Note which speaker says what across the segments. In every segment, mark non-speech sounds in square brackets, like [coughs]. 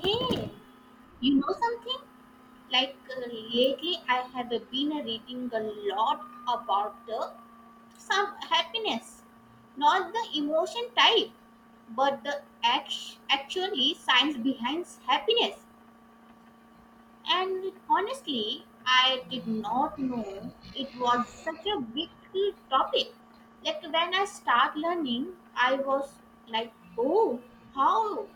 Speaker 1: Hey, you know something? Lately, I have been reading a lot about the some happiness, not the emotion type, but the actually science behind happiness. And honestly, I did not know it was such a big topic. Like when I start learning, I was like, oh, how?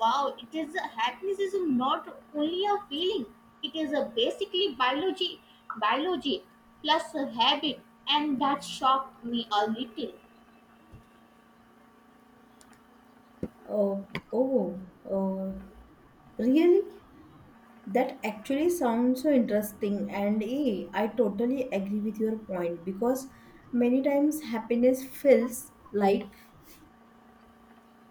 Speaker 1: Wow, it is happiness is not only a feeling. It is a basically biology, biology plus a habit, and that shocked me a little.
Speaker 2: Oh, oh, uh, really? That actually sounds so interesting. And I totally agree with your point because many times happiness feels like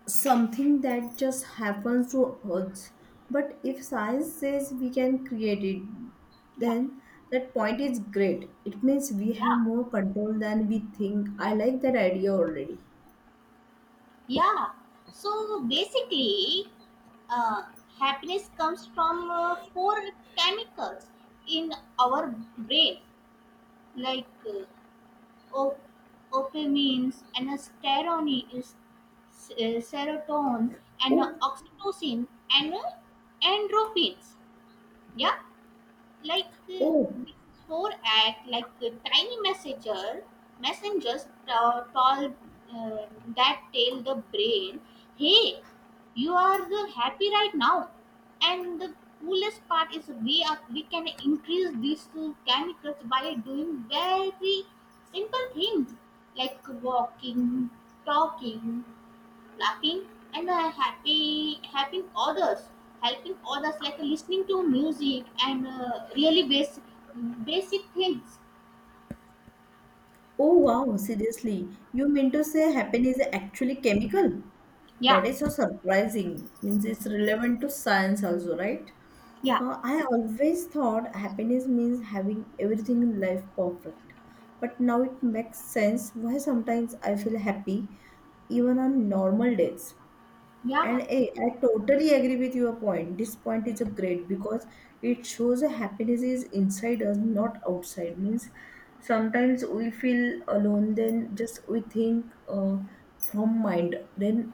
Speaker 2: something that just happens to us. But if science says we can create it,
Speaker 1: Yeah,
Speaker 2: then that point is great. It means we have
Speaker 1: yeah.
Speaker 2: more control than we think. I like that idea already.
Speaker 1: Yeah. So basically, uh, happiness comes from four chemicals in our brain, like op- dopamine and serotonin, serotonin and
Speaker 2: Oh,
Speaker 1: oxytocin and endorphins. Yeah like uh,
Speaker 2: oh,
Speaker 1: before act like a tiny messengers told uh, that tell the brain, hey, you are the happy right now. And the coolest part is we can increase these two chemicals by doing very simple things, like walking, talking, laughing, and happy helping others, like listening to music and really basic things.
Speaker 2: oh wow, seriously. You mean to say happen is actually chemical? That
Speaker 1: Yeah,
Speaker 2: is so surprising. Means it's relevant to science also, right?
Speaker 1: yeah,
Speaker 2: I always thought happiness means having everything in life perfect. But now it makes sense why sometimes I feel happy even on normal days. And
Speaker 1: yeah,
Speaker 2: I totally agree with your point. This point is a great because it shows a happiness is inside us, not outside. Means sometimes we feel alone, then just we think from mind, then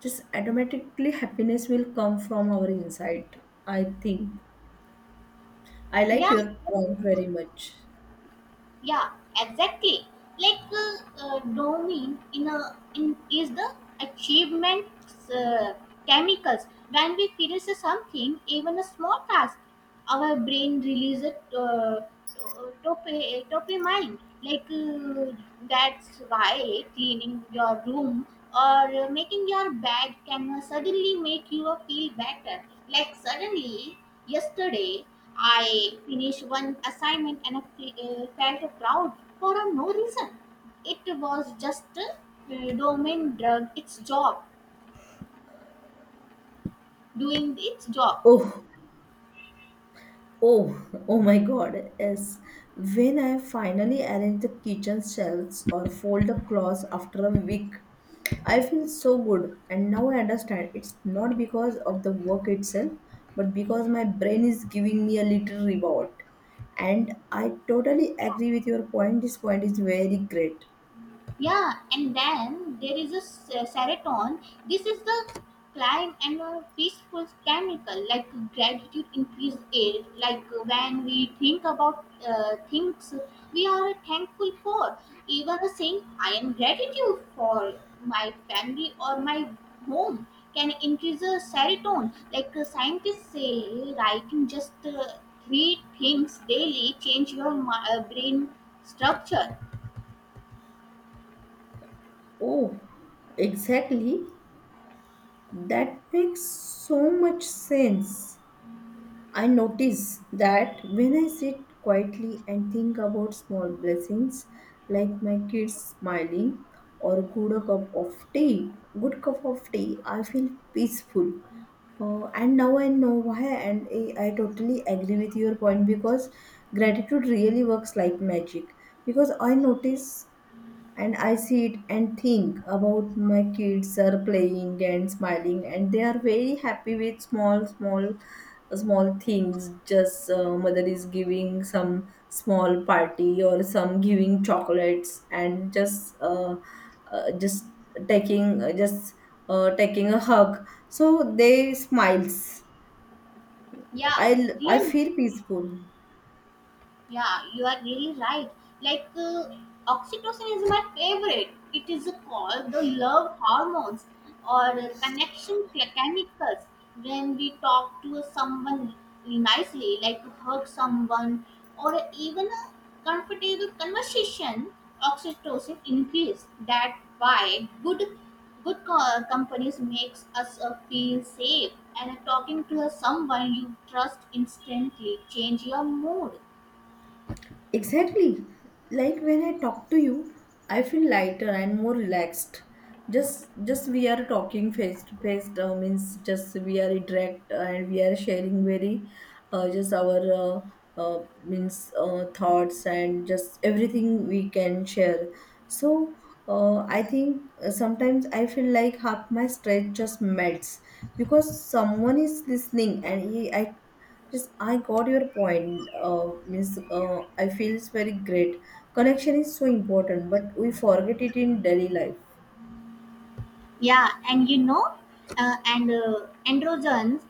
Speaker 2: just automatically happiness will come from our inside. I think I like
Speaker 1: yeah,
Speaker 2: your point very much.
Speaker 1: yeah, exactly. like uh, dopamine in a in is the achievement uh, chemicals. When we finish something, even a small task, our brain releases uh, dopamine. That's why cleaning your room or making your bed can suddenly make you feel better. Like suddenly, yesterday I finished one assignment and I felt proud for no reason. It was just a domain drug its job, doing its job.
Speaker 2: Oh, oh, [laughs] oh my God, yes. When I finally arrange the kitchen shelves or fold the clothes after a week, I feel so good. And now I understand it's not because of the work itself, but because my brain is giving me a little reward. And I totally agree with your point. This point is very great.
Speaker 1: Yeah, and then there is a serotonin. This is the climb and a peaceful chemical, like gratitude increase it. Like when we think about things we are thankful for, even saying I am gratitude for my family or my home can increase the serotonin. Scientists say, writing just three things daily change your brain structure.
Speaker 2: Oh, exactly. That makes so much sense. I notice that when I sit quietly and think about small blessings like my kids smiling or good cup of tea, good cup of tea, I feel peaceful. And now I know why, and I totally agree with your point because gratitude really works like magic. Because I notice and I sit and think about my kids are playing and smiling, and they are very happy with small, small, small things. Just mother is giving some small party or some giving chocolates, and uh, just just taking a hug. So they smiles. I
Speaker 1: Yeah,
Speaker 2: I
Speaker 1: real.
Speaker 2: feel peaceful.
Speaker 1: Yeah, you are really right. Like, uh, oxytocin is my favorite. It is called the love hormones or connection chemicals. When we talk to someone nicely, like hug someone, or even a comfortable conversation, oxytocin increase. That's why good companies makes us feel safe. And talking to someone you trust instantly change your mood.
Speaker 2: Exactly. Like when I talk to you, I feel lighter and more relaxed. Just we are talking face to face means just we are interact and we are sharing very just our means thoughts and just everything we can share. So I think sometimes I feel like half my stress just melts because someone is listening and I just I got your point. Means I feels very great. Connection is so important, but we forget it in daily life.
Speaker 1: Yeah, and you know, androgens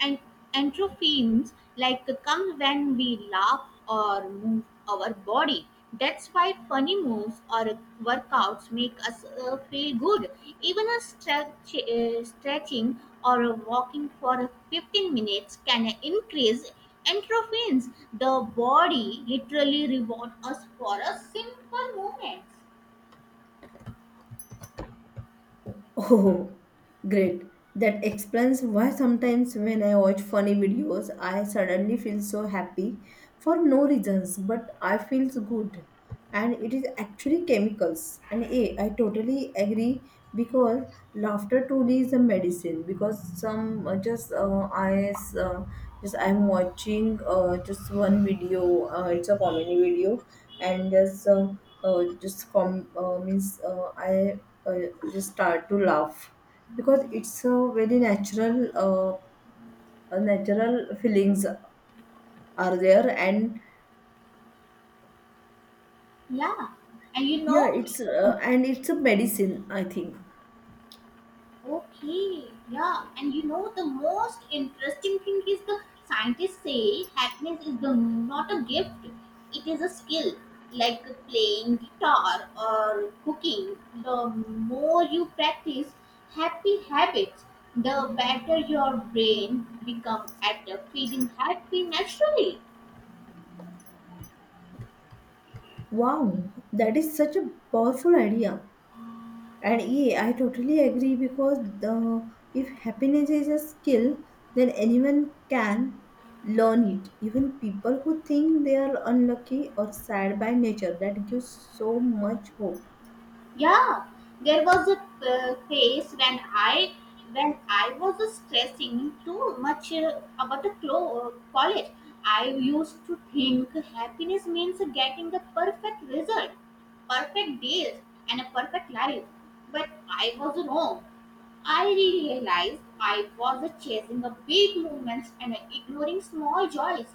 Speaker 1: and endorphins like come when we laugh or move our body. That's why funny moves or workouts make us feel good. Even a stretching or a walking for 15 minutes can increase endorphins. The body literally reward us for a simple moment.
Speaker 2: Oh, great. That explains why sometimes when I watch funny videos, I suddenly feel so happy for no reasons, but I feel good. And it is actually chemicals. And yeah, I totally agree because laughter truly is a medicine. Because some just just I'm watching just one video. It's a comedy video, and just com means I just start to laugh because it's a very natural uh, natural feelings are there and
Speaker 1: Yeah, and you
Speaker 2: yeah
Speaker 1: know,
Speaker 2: it's and it's a medicine, I think.
Speaker 1: okay, yeah, and you know the most interesting thing is the scientists say happiness is the not a gift, it is a skill, like playing guitar or cooking. The more you practice happy habits, the better your brain become at feeling happy naturally.
Speaker 2: Wow, that is such a powerful idea, and yeah, I totally agree because the, if happiness is a skill, then anyone can learn it, even people who think they are unlucky or sad by nature. That gives so much hope.
Speaker 1: Yeah, there was a phase when I was stressing too much about the college. I used to think happiness means getting the perfect result, perfect deals, and a perfect life. But I was wrong. I realized I was chasing the big movements and ignoring small joys.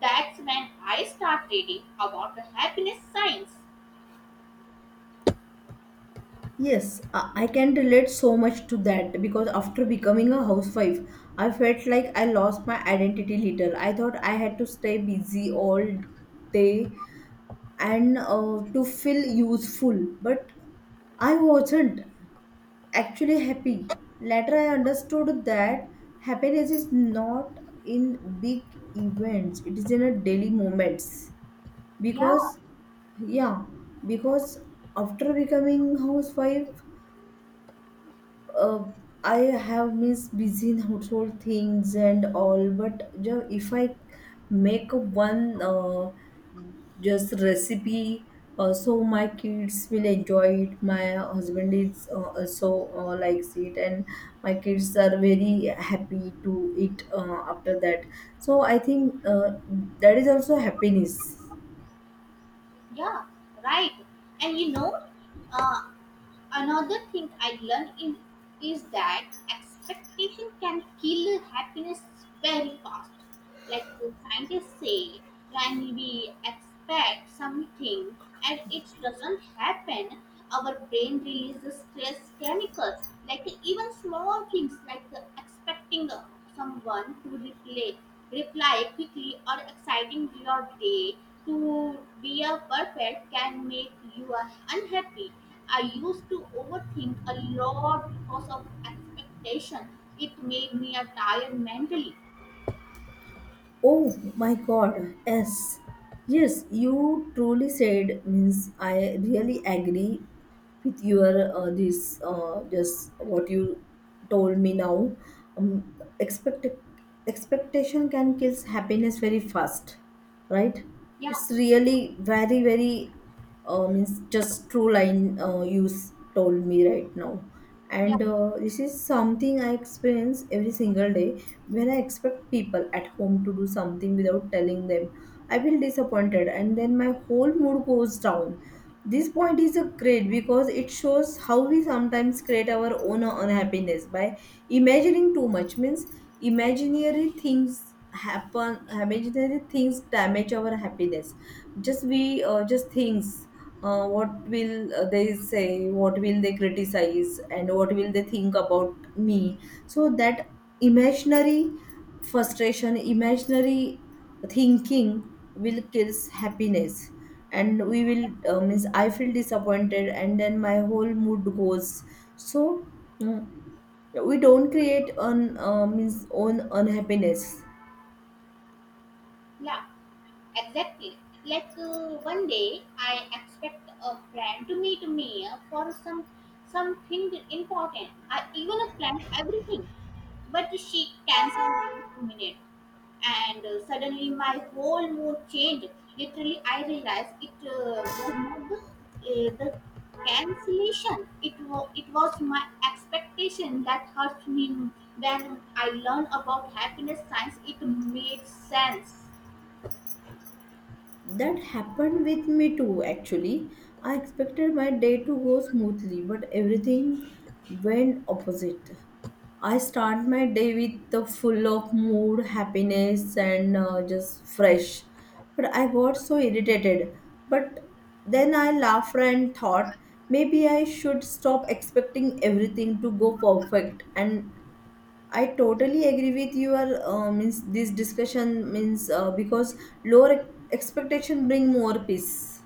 Speaker 1: That's when I started reading about the happiness science.
Speaker 2: Yes, I can relate so much to that because after becoming a housewife, I felt like I lost my identity little. I thought I had to stay busy all day and to feel useful, but I wasn't actually happy. Later, I understood that happiness is not in big events, it is in a daily moments
Speaker 1: Yeah.
Speaker 2: because yeah, because after becoming housewife, uh, I have missed busy in household things and all, but if I make one just recipe, so my kids will enjoy it. My husband is also likes it, and my kids are very happy to eat after that. So I think that is also happiness.
Speaker 1: Yeah, right. And you know, uh, another thing is that expectation can kill happiness very fast. Like the scientists say, when we expect something and it doesn't happen, our brain releases stress chemicals. Like even small things, like expecting someone to reply quickly, or exciting your day to be a perfect can make you unhappy. I used to overthink a lot because of expectation. It made me a tired mentally.
Speaker 2: Oh my god, yes. Yes, you truly said means I really agree with your this just what you told me now. Um, expect expectation can kill happiness very fast, right?
Speaker 1: Yeah,
Speaker 2: It's really very very, means just true line you told me right now,
Speaker 1: yeah.
Speaker 2: and this is something I experience every single day. When I expect people at home to do something without telling them, I feel disappointed and then my whole mood goes down. This point is a great because it shows how we sometimes create our own unhappiness by imagining too much. Means imaginary things happen. Imaginary things damage our happiness. Just we just things. What will they say? What will they criticize? And what will they think about me? So that imaginary frustration, imaginary thinking will kills happiness and we will
Speaker 1: It's okay.
Speaker 2: means I feel disappointed and then my whole mood goes. So mm, we don't create on means own unhappiness.
Speaker 1: Yeah. Exactly. Like one day, I expect a friend to meet me for something important. I even planned everything, but she canceled last minute, and suddenly my whole mood changed. Literally, I realized it was not the cancellation. It was my expectation that hurt me. When I learned about happiness science, it made sense.
Speaker 2: That happened with me too, actually. I expected my day to go smoothly, but everything went opposite. I start my day with the full of mood, happiness, and just fresh. But I got so irritated. But then I laughed and thought maybe I should stop expecting everything to go perfect, and I totally agree with your means this discussion means because lower expectation bring more peace.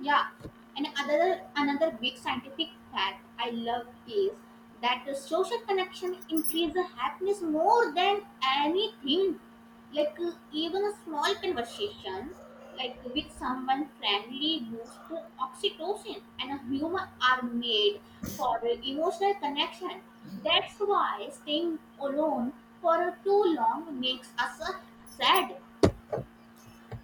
Speaker 1: Yeah, and another big scientific fact I love is that the social connection increases happiness more than anything. Even a small conversation, like with someone friendly, boosts the oxytocin and humor are made for emotional connection. That's why staying alone for too long makes us sad.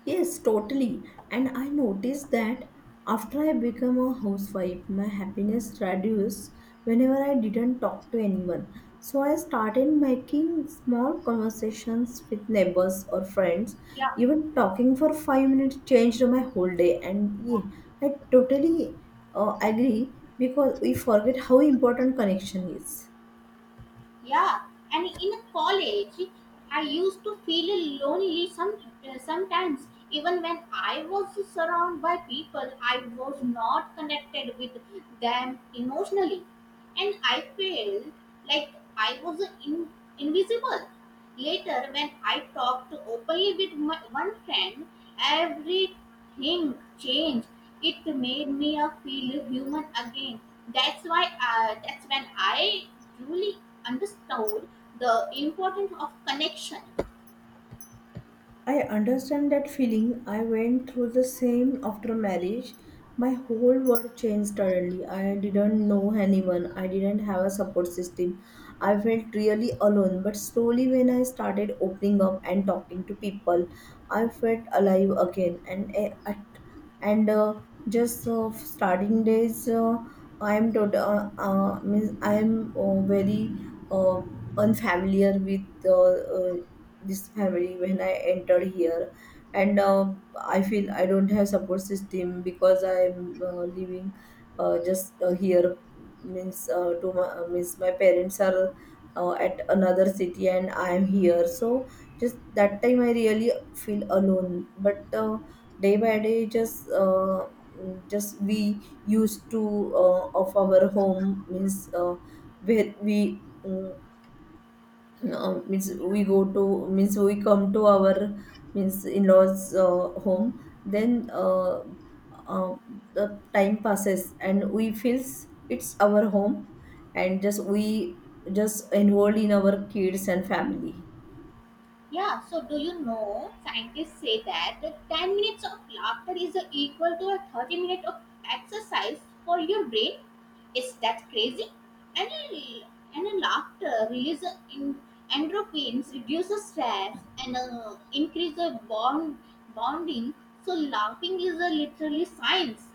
Speaker 2: Yes, totally. And I noticed that after I became a housewife, my happiness reduced whenever I didn't talk to anyone. So I started making small conversations with neighbors or friends.
Speaker 1: Yeah.
Speaker 2: Even talking for 5 minutes changed my whole day. And yeah, I totally agree because we forget how important connection is.
Speaker 1: Yeah, and in college, I used to feel lonely sometimes. Even when I was surrounded by people, I was not connected with them emotionally, and I felt like I was in, invisible. Later, when I talked openly with my one friend, everything changed. It made me feel human again. That's when I truly understood the importance of connection.
Speaker 2: I understand that feeling. I went through the same after marriage. My whole world changed suddenly. I didn't know anyone. I didn't have a support system. I felt really alone. But slowly, when I started opening up and talking to people, I felt alive again. And eh, at and just starting days, means I am very uh, unfamiliar with this family when I entered here, and I feel I don't have support system because I'm living just here means to my means my parents are at another city and I'm here. So just that time I really feel alone. But day by day, just we used to of our home means where we. Means we go to means we come to our means in-laws home, then uh, the time passes and we feels it's our home, and just we just involved in our kids and family.
Speaker 1: Yeah, so do you know scientists say that the 10 minutes of laughter is equal to a 30 minute of exercise for your brain? Is that crazy? And a, and a laughter releases in endorphins, reduces stress, and increases bonding. So laughing is a literally science.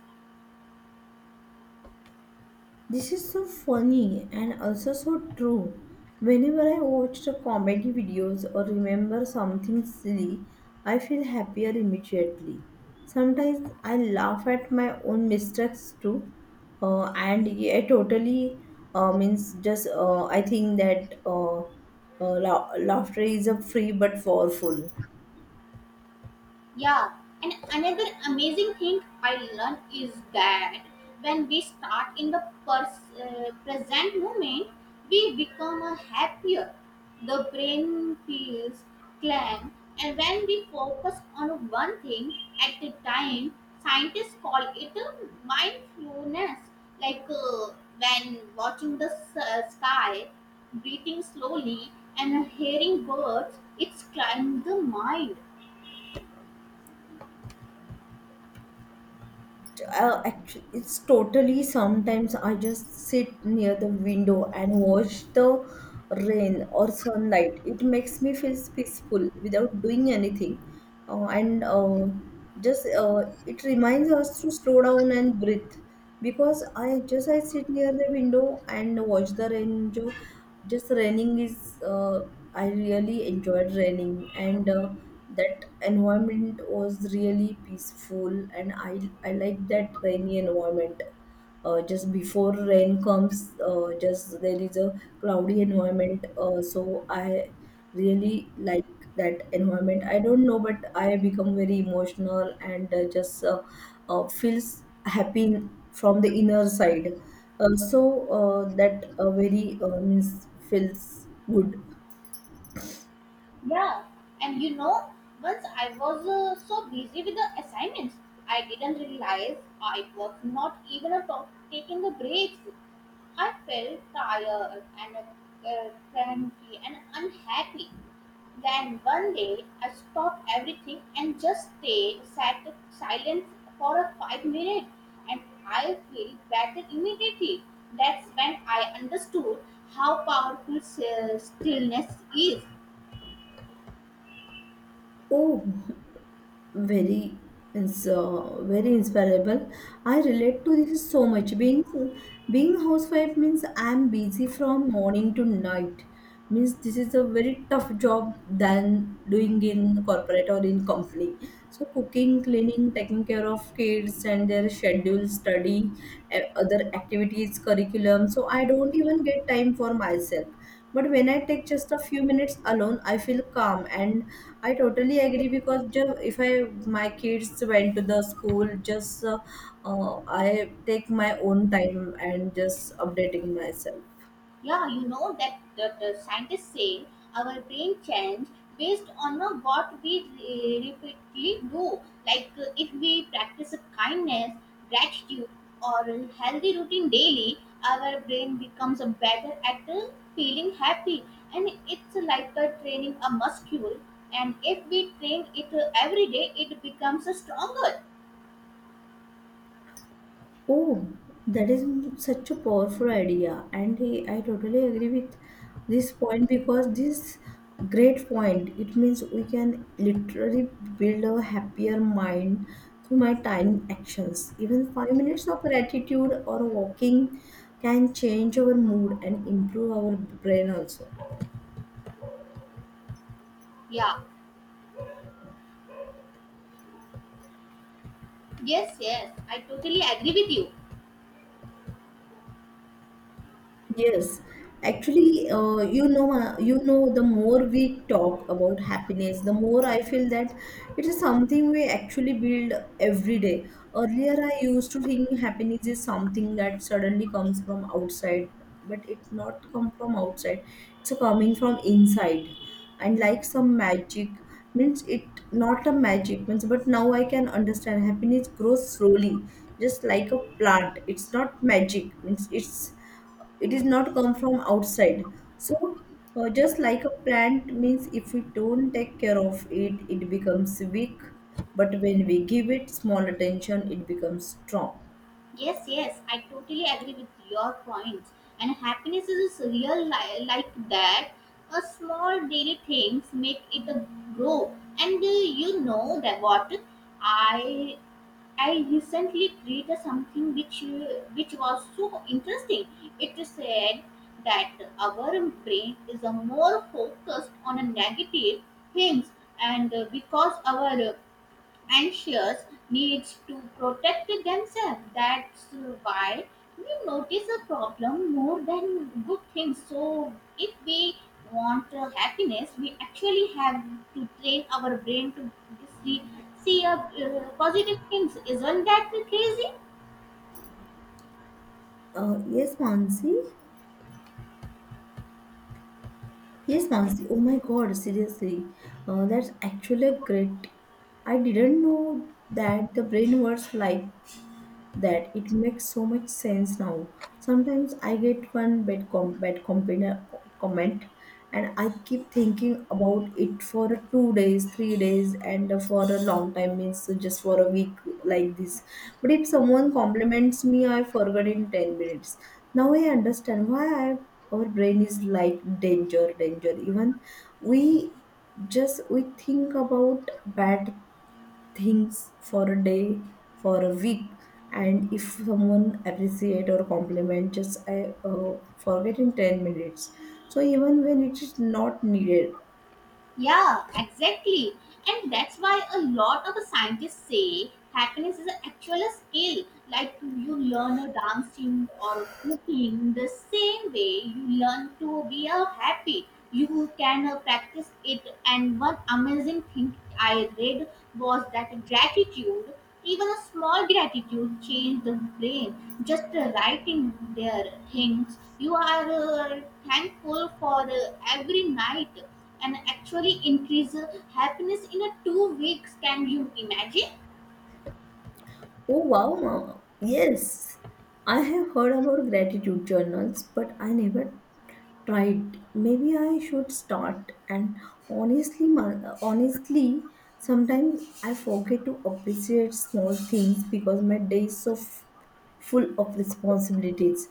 Speaker 2: This is so funny and also so true. Whenever I watch the comedy videos or remember something silly, I feel happier immediately. Sometimes I laugh at my own mistakes too, and I totally means just I think that laughter is a free but powerful.
Speaker 1: Yeah, and another amazing thing I learned is that when we start in the present moment, we become a happier. The brain feels calm, and when we focus on one thing at a time, scientists call it a mindfulness. Like when watching the sky, breathing slowly, and hearing birds, it's calming the mind.
Speaker 2: Actually, it's totally sometimes I just sit near the window and watch the rain or sunlight. It makes me feel peaceful without doing anything. And just it reminds us to slow down and breathe because I just I sit near the window and watch the rain. Jo, just raining is I really enjoyed raining, and that environment was really peaceful, and I like that rainy environment. Just before rain comes, just there is a cloudy environment. So I really like that environment. I don't know, but I become very emotional and just. Feels happy from the inner side. So that very means feels good.
Speaker 1: Yeah, and you know, once I was so busy with the assignments, I didn't realize I was not even a top taking the breaks. I felt tired and cranky and unhappy. Then one day, I stopped everything and just stayed sat silent for a 5 minutes, and I feel better immediately. That's when I understood how powerful stillness is.
Speaker 2: Oh, very very inspirable. I relate to this so much. Being housewife means I'm busy from morning to night. Means this is a very tough job than doing in corporate or in company. So cooking, cleaning, taking care of kids and their schedule study, other activities curriculum, so I don't even get time for myself. But when I take just a few minutes alone, I feel calm, and I totally agree because if I my kids went to the school, just I take my own time and just updating myself.
Speaker 1: Yeah, you know that the scientists say our brain change based on what we repeatedly do. Like if we practice kindness, gratitude, or a healthy routine daily, our brain becomes better at feeling happy, and it's like training a muscle. And if we train it every day, it becomes stronger.
Speaker 2: Oh, that is such a powerful idea, and I totally agree with this point because this great point it means we can literally build a happier mind through my tiny actions. Even 5 minutes of gratitude or walking can change our mood and improve our brain also.
Speaker 1: Yeah. Yes. Yes. I totally agree with you.
Speaker 2: Yes, actually, you know, the more we talk about happiness, the more I feel that it is something we actually build every day. Earlier, I used to think happiness is something that suddenly comes from outside, but it's not come from outside. It's coming from inside, and like some magic means it not a magic means. But now I can understand happiness grows slowly, just like a plant. It's not magic means it is not come from outside. So just like a plant means if we don't take care of it it becomes weak, but when we give it small attention it becomes strong.
Speaker 1: Yes, yes, I totally agree with your points. And happiness is real like that. A small daily things make it a grow. And you know that what I I recently created something which was so interesting. It said that our brain is a more focused on a negative things, and because our anxious needs to protect themselves. That's why we notice a problem more than good things. So, if we want happiness, we actually have to train our brain to see, see a, positive things. Isn't that crazy?
Speaker 2: Yes Mansi, yes Mansi, oh my god, seriously, that's actually great. I didn't know that the brain works like that. It makes so much sense now. Sometimes I get one bad comment and I keep thinking about it for 2 days, 3 days, and for a long time, means just for a week like this. But if someone compliments me, I forget in 10 minutes. Now I understand why our brain is like danger, danger. Even we just we think about bad things for a day, for a week, and if someone appreciate or compliment, just I forget in 10 minutes. So even when it is not needed,
Speaker 1: Yeah, exactly. And that's why a lot of scientists say happiness is actually a skill. Like you learn a dancing or cooking the same way you learn to be a happy. You can practice it. And one amazing thing I read was that gratitude, even a small gratitude, change the brain. Just writing their things, you are thankful for every night and actually increase happiness in a 2 weeks. Can you imagine?
Speaker 2: oh wow, mama, yes, I have heard about gratitude journals, but I never tried. Maybe I should start. And honestly, sometimes I forget to appreciate small things because my day is so full of responsibilities.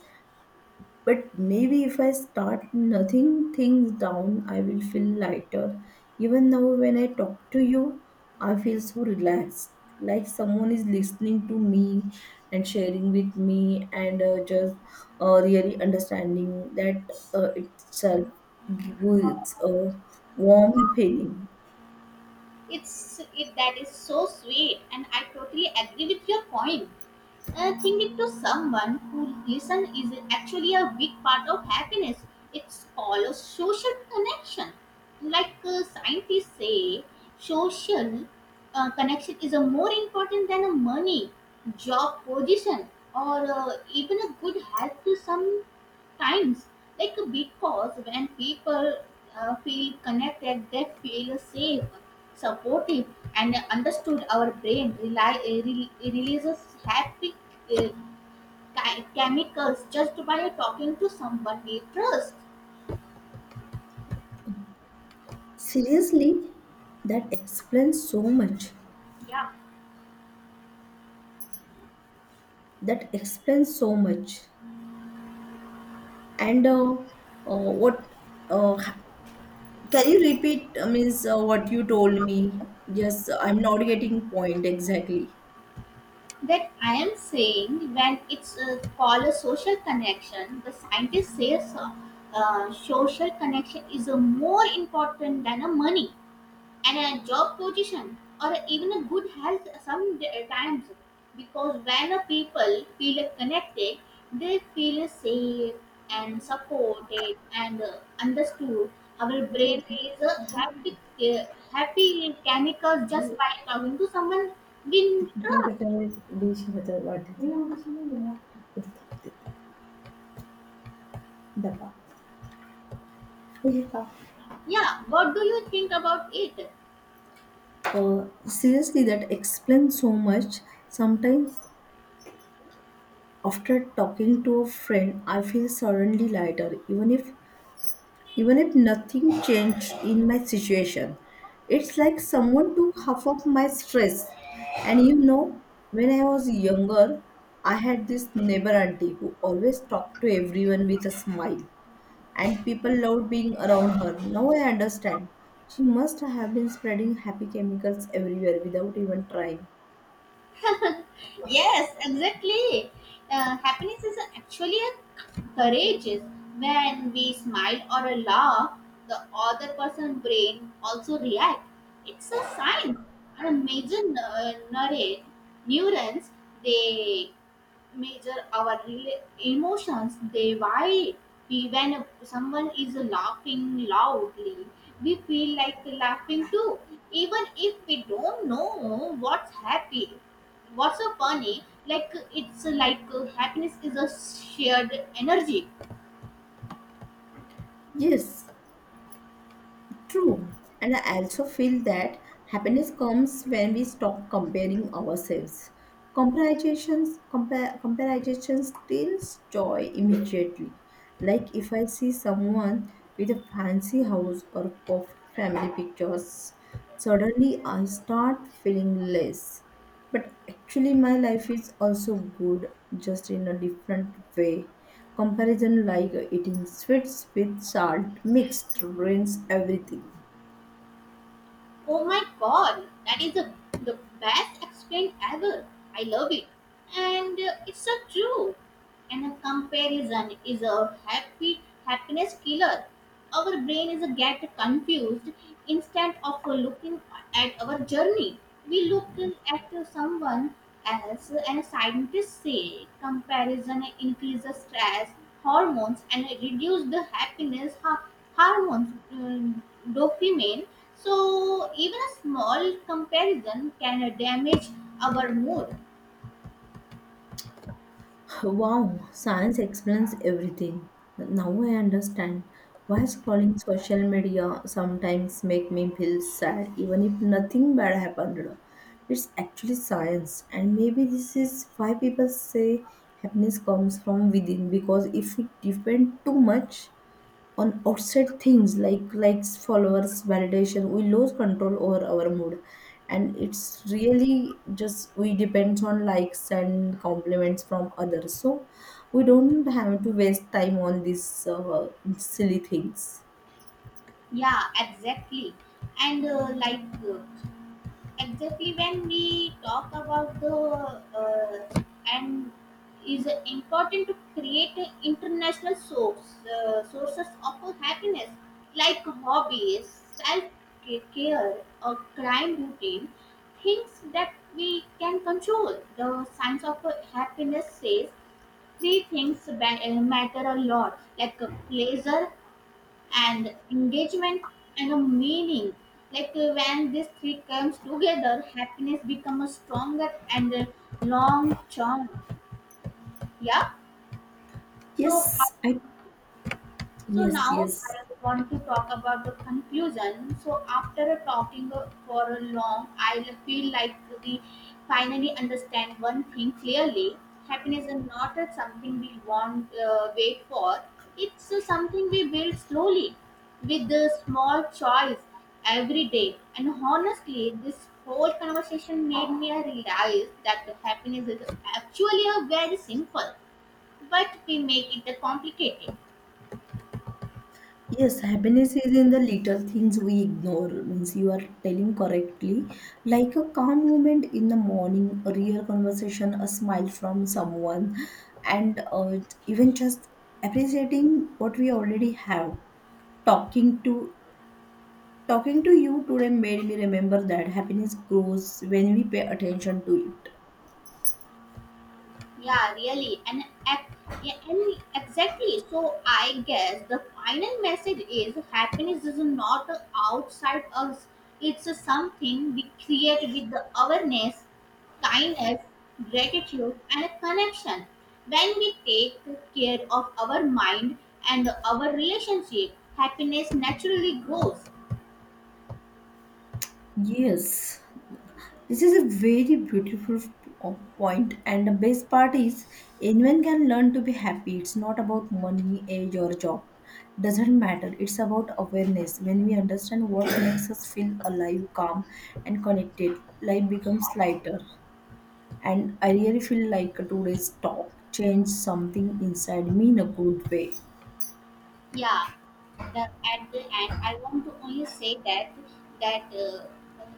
Speaker 2: But maybe if I start nothing things down, I will feel lighter. Even now, when I talk to you, I feel so relaxed. Like someone is listening to me and sharing with me, and just really understanding that itself gives a warm feeling.
Speaker 1: That is so sweet, and I totally agree with your point. Think it to someone who listen is actually a big part of happiness. It's all a social connection. Like scientists say, social connection is a more important than a money, job position, or even a good health to some times like because when people feel connected, they feel safe, supportive, and understood. Our brain releases happy uh, chemicals just by talking to someone we trust.
Speaker 2: Seriously, that explains so much.
Speaker 1: Yeah,
Speaker 2: That explains so much. And what uh, can you repeat, means what you told me? Yes, I'm not getting point exactly.
Speaker 1: that I am saying when it's called a social connection, the scientist says social connection is more important than a money and a job position, or even a good health sometimes, because when a people feel connected, they feel safe and supported and understood. Our brain is a happy uh, chemical just by talking to someone we
Speaker 2: The kitchen
Speaker 1: trust.
Speaker 2: कट्टे में dish रहता है वाटे थे बताते थे डब्बा, yeah.
Speaker 1: Yeah, what do you think about it?
Speaker 2: Seriously, that explains so much. Sometimes, after talking to a friend, I feel suddenly lighter, even if nothing changed in my situation, it's like someone took half of my stress. And you know, when I was younger, I had this neighbor auntie who always talked to everyone with a smile, and people loved being around her. Now I understand. She must have been spreading happy chemicals everywhere without even trying.
Speaker 1: Yes, exactly. Happiness is actually a courageous. When we smile or laugh, the other person's brain also react. It's a sign. And a major neurons, they measure our emotions. They why we, when someone is laughing loudly, we feel like laughing too, even if we don't know what's so funny. Like it's like happiness is a shared energy.
Speaker 2: Yes, true. And I also feel that happiness comes when we stop comparing ourselves. Comparison steals joy immediately. Like if I see someone with a fancy house or perfect family pictures, suddenly I start feeling less. But actually, my life is also good, just in a different way. Comparison like eating sweets with salt mixed ruins everything.
Speaker 1: Oh my god, that is the best explained ever. I love it. And it's so true. And a comparison is a happy happiness killer. Our brain is a get confused. Instead of looking at our journey, we look at someone else, and scientists say comparison increases stress hormones and reduce the happiness hormones, dopamine. So even a small comparison can damage our mood.
Speaker 2: Wow, science explains everything. Now I understand why scrolling social media sometimes make me feel sad even if nothing bad happened. It's actually science, and maybe this is why people say happiness comes from within, because if we depend too much on outside things like likes, followers, validation, we lose control over our mood. And it's really just we depends on likes and compliments from others, so we don't have to waste time on these silly things.
Speaker 1: Yeah, exactly. And like uh, exactly, when we talk about the and is important to create a international sources of happiness, like hobbies, self care, or crime routine, things that we can control. The science of happiness says three things matter a lot, like a pleasure and engagement and a meaning. Like when these three comes together, happiness becomes stronger and long term. Yeah. So
Speaker 2: Yes, I
Speaker 1: So
Speaker 2: yes,
Speaker 1: now
Speaker 2: yes.
Speaker 1: I want to talk about the conclusion. So after talking for a long, I feel like we finally understand one thing clearly. Happiness is not a something we want wait for. It's something we build slowly with the small choice every day. And honestly, this whole conversation made me realize that the happiness is actually a very simple, but we make it complicated.
Speaker 2: Yes, happiness is in the little things we ignore. Means you are telling correctly, like a calm moment in the morning, a real conversation, a smile from someone, and even just appreciating what we already have. Talking to talking to you today made me remember that happiness grows when we pay attention to it.
Speaker 1: Yeah, really. And exactly. So I guess the final message is happiness is not outside us. It's something we create with the awareness, kindness, gratitude, and a connection. When we take care of our mind and our relationship, happiness naturally grows.
Speaker 2: Yes. This is a very point, and the best part is anyone can learn to be happy. It's not about money, age, or job. Doesn't matter. It's about awareness. When we understand what [coughs] makes us feel alive, calm, and connected, life becomes lighter. And I really feel like today's talk changed something inside me in a good way.
Speaker 1: Yeah, the, at the end I want to only say that that uh,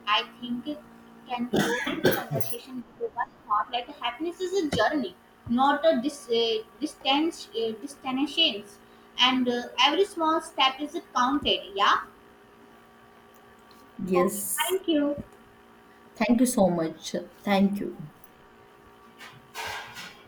Speaker 1: I think it can close this conversation with one thought, like happiness is a journey, not a dis, distance destinations, and every small step is counted. Yeah, okay,
Speaker 2: Yes.
Speaker 1: thank you.
Speaker 2: Thank you so much. Thank you.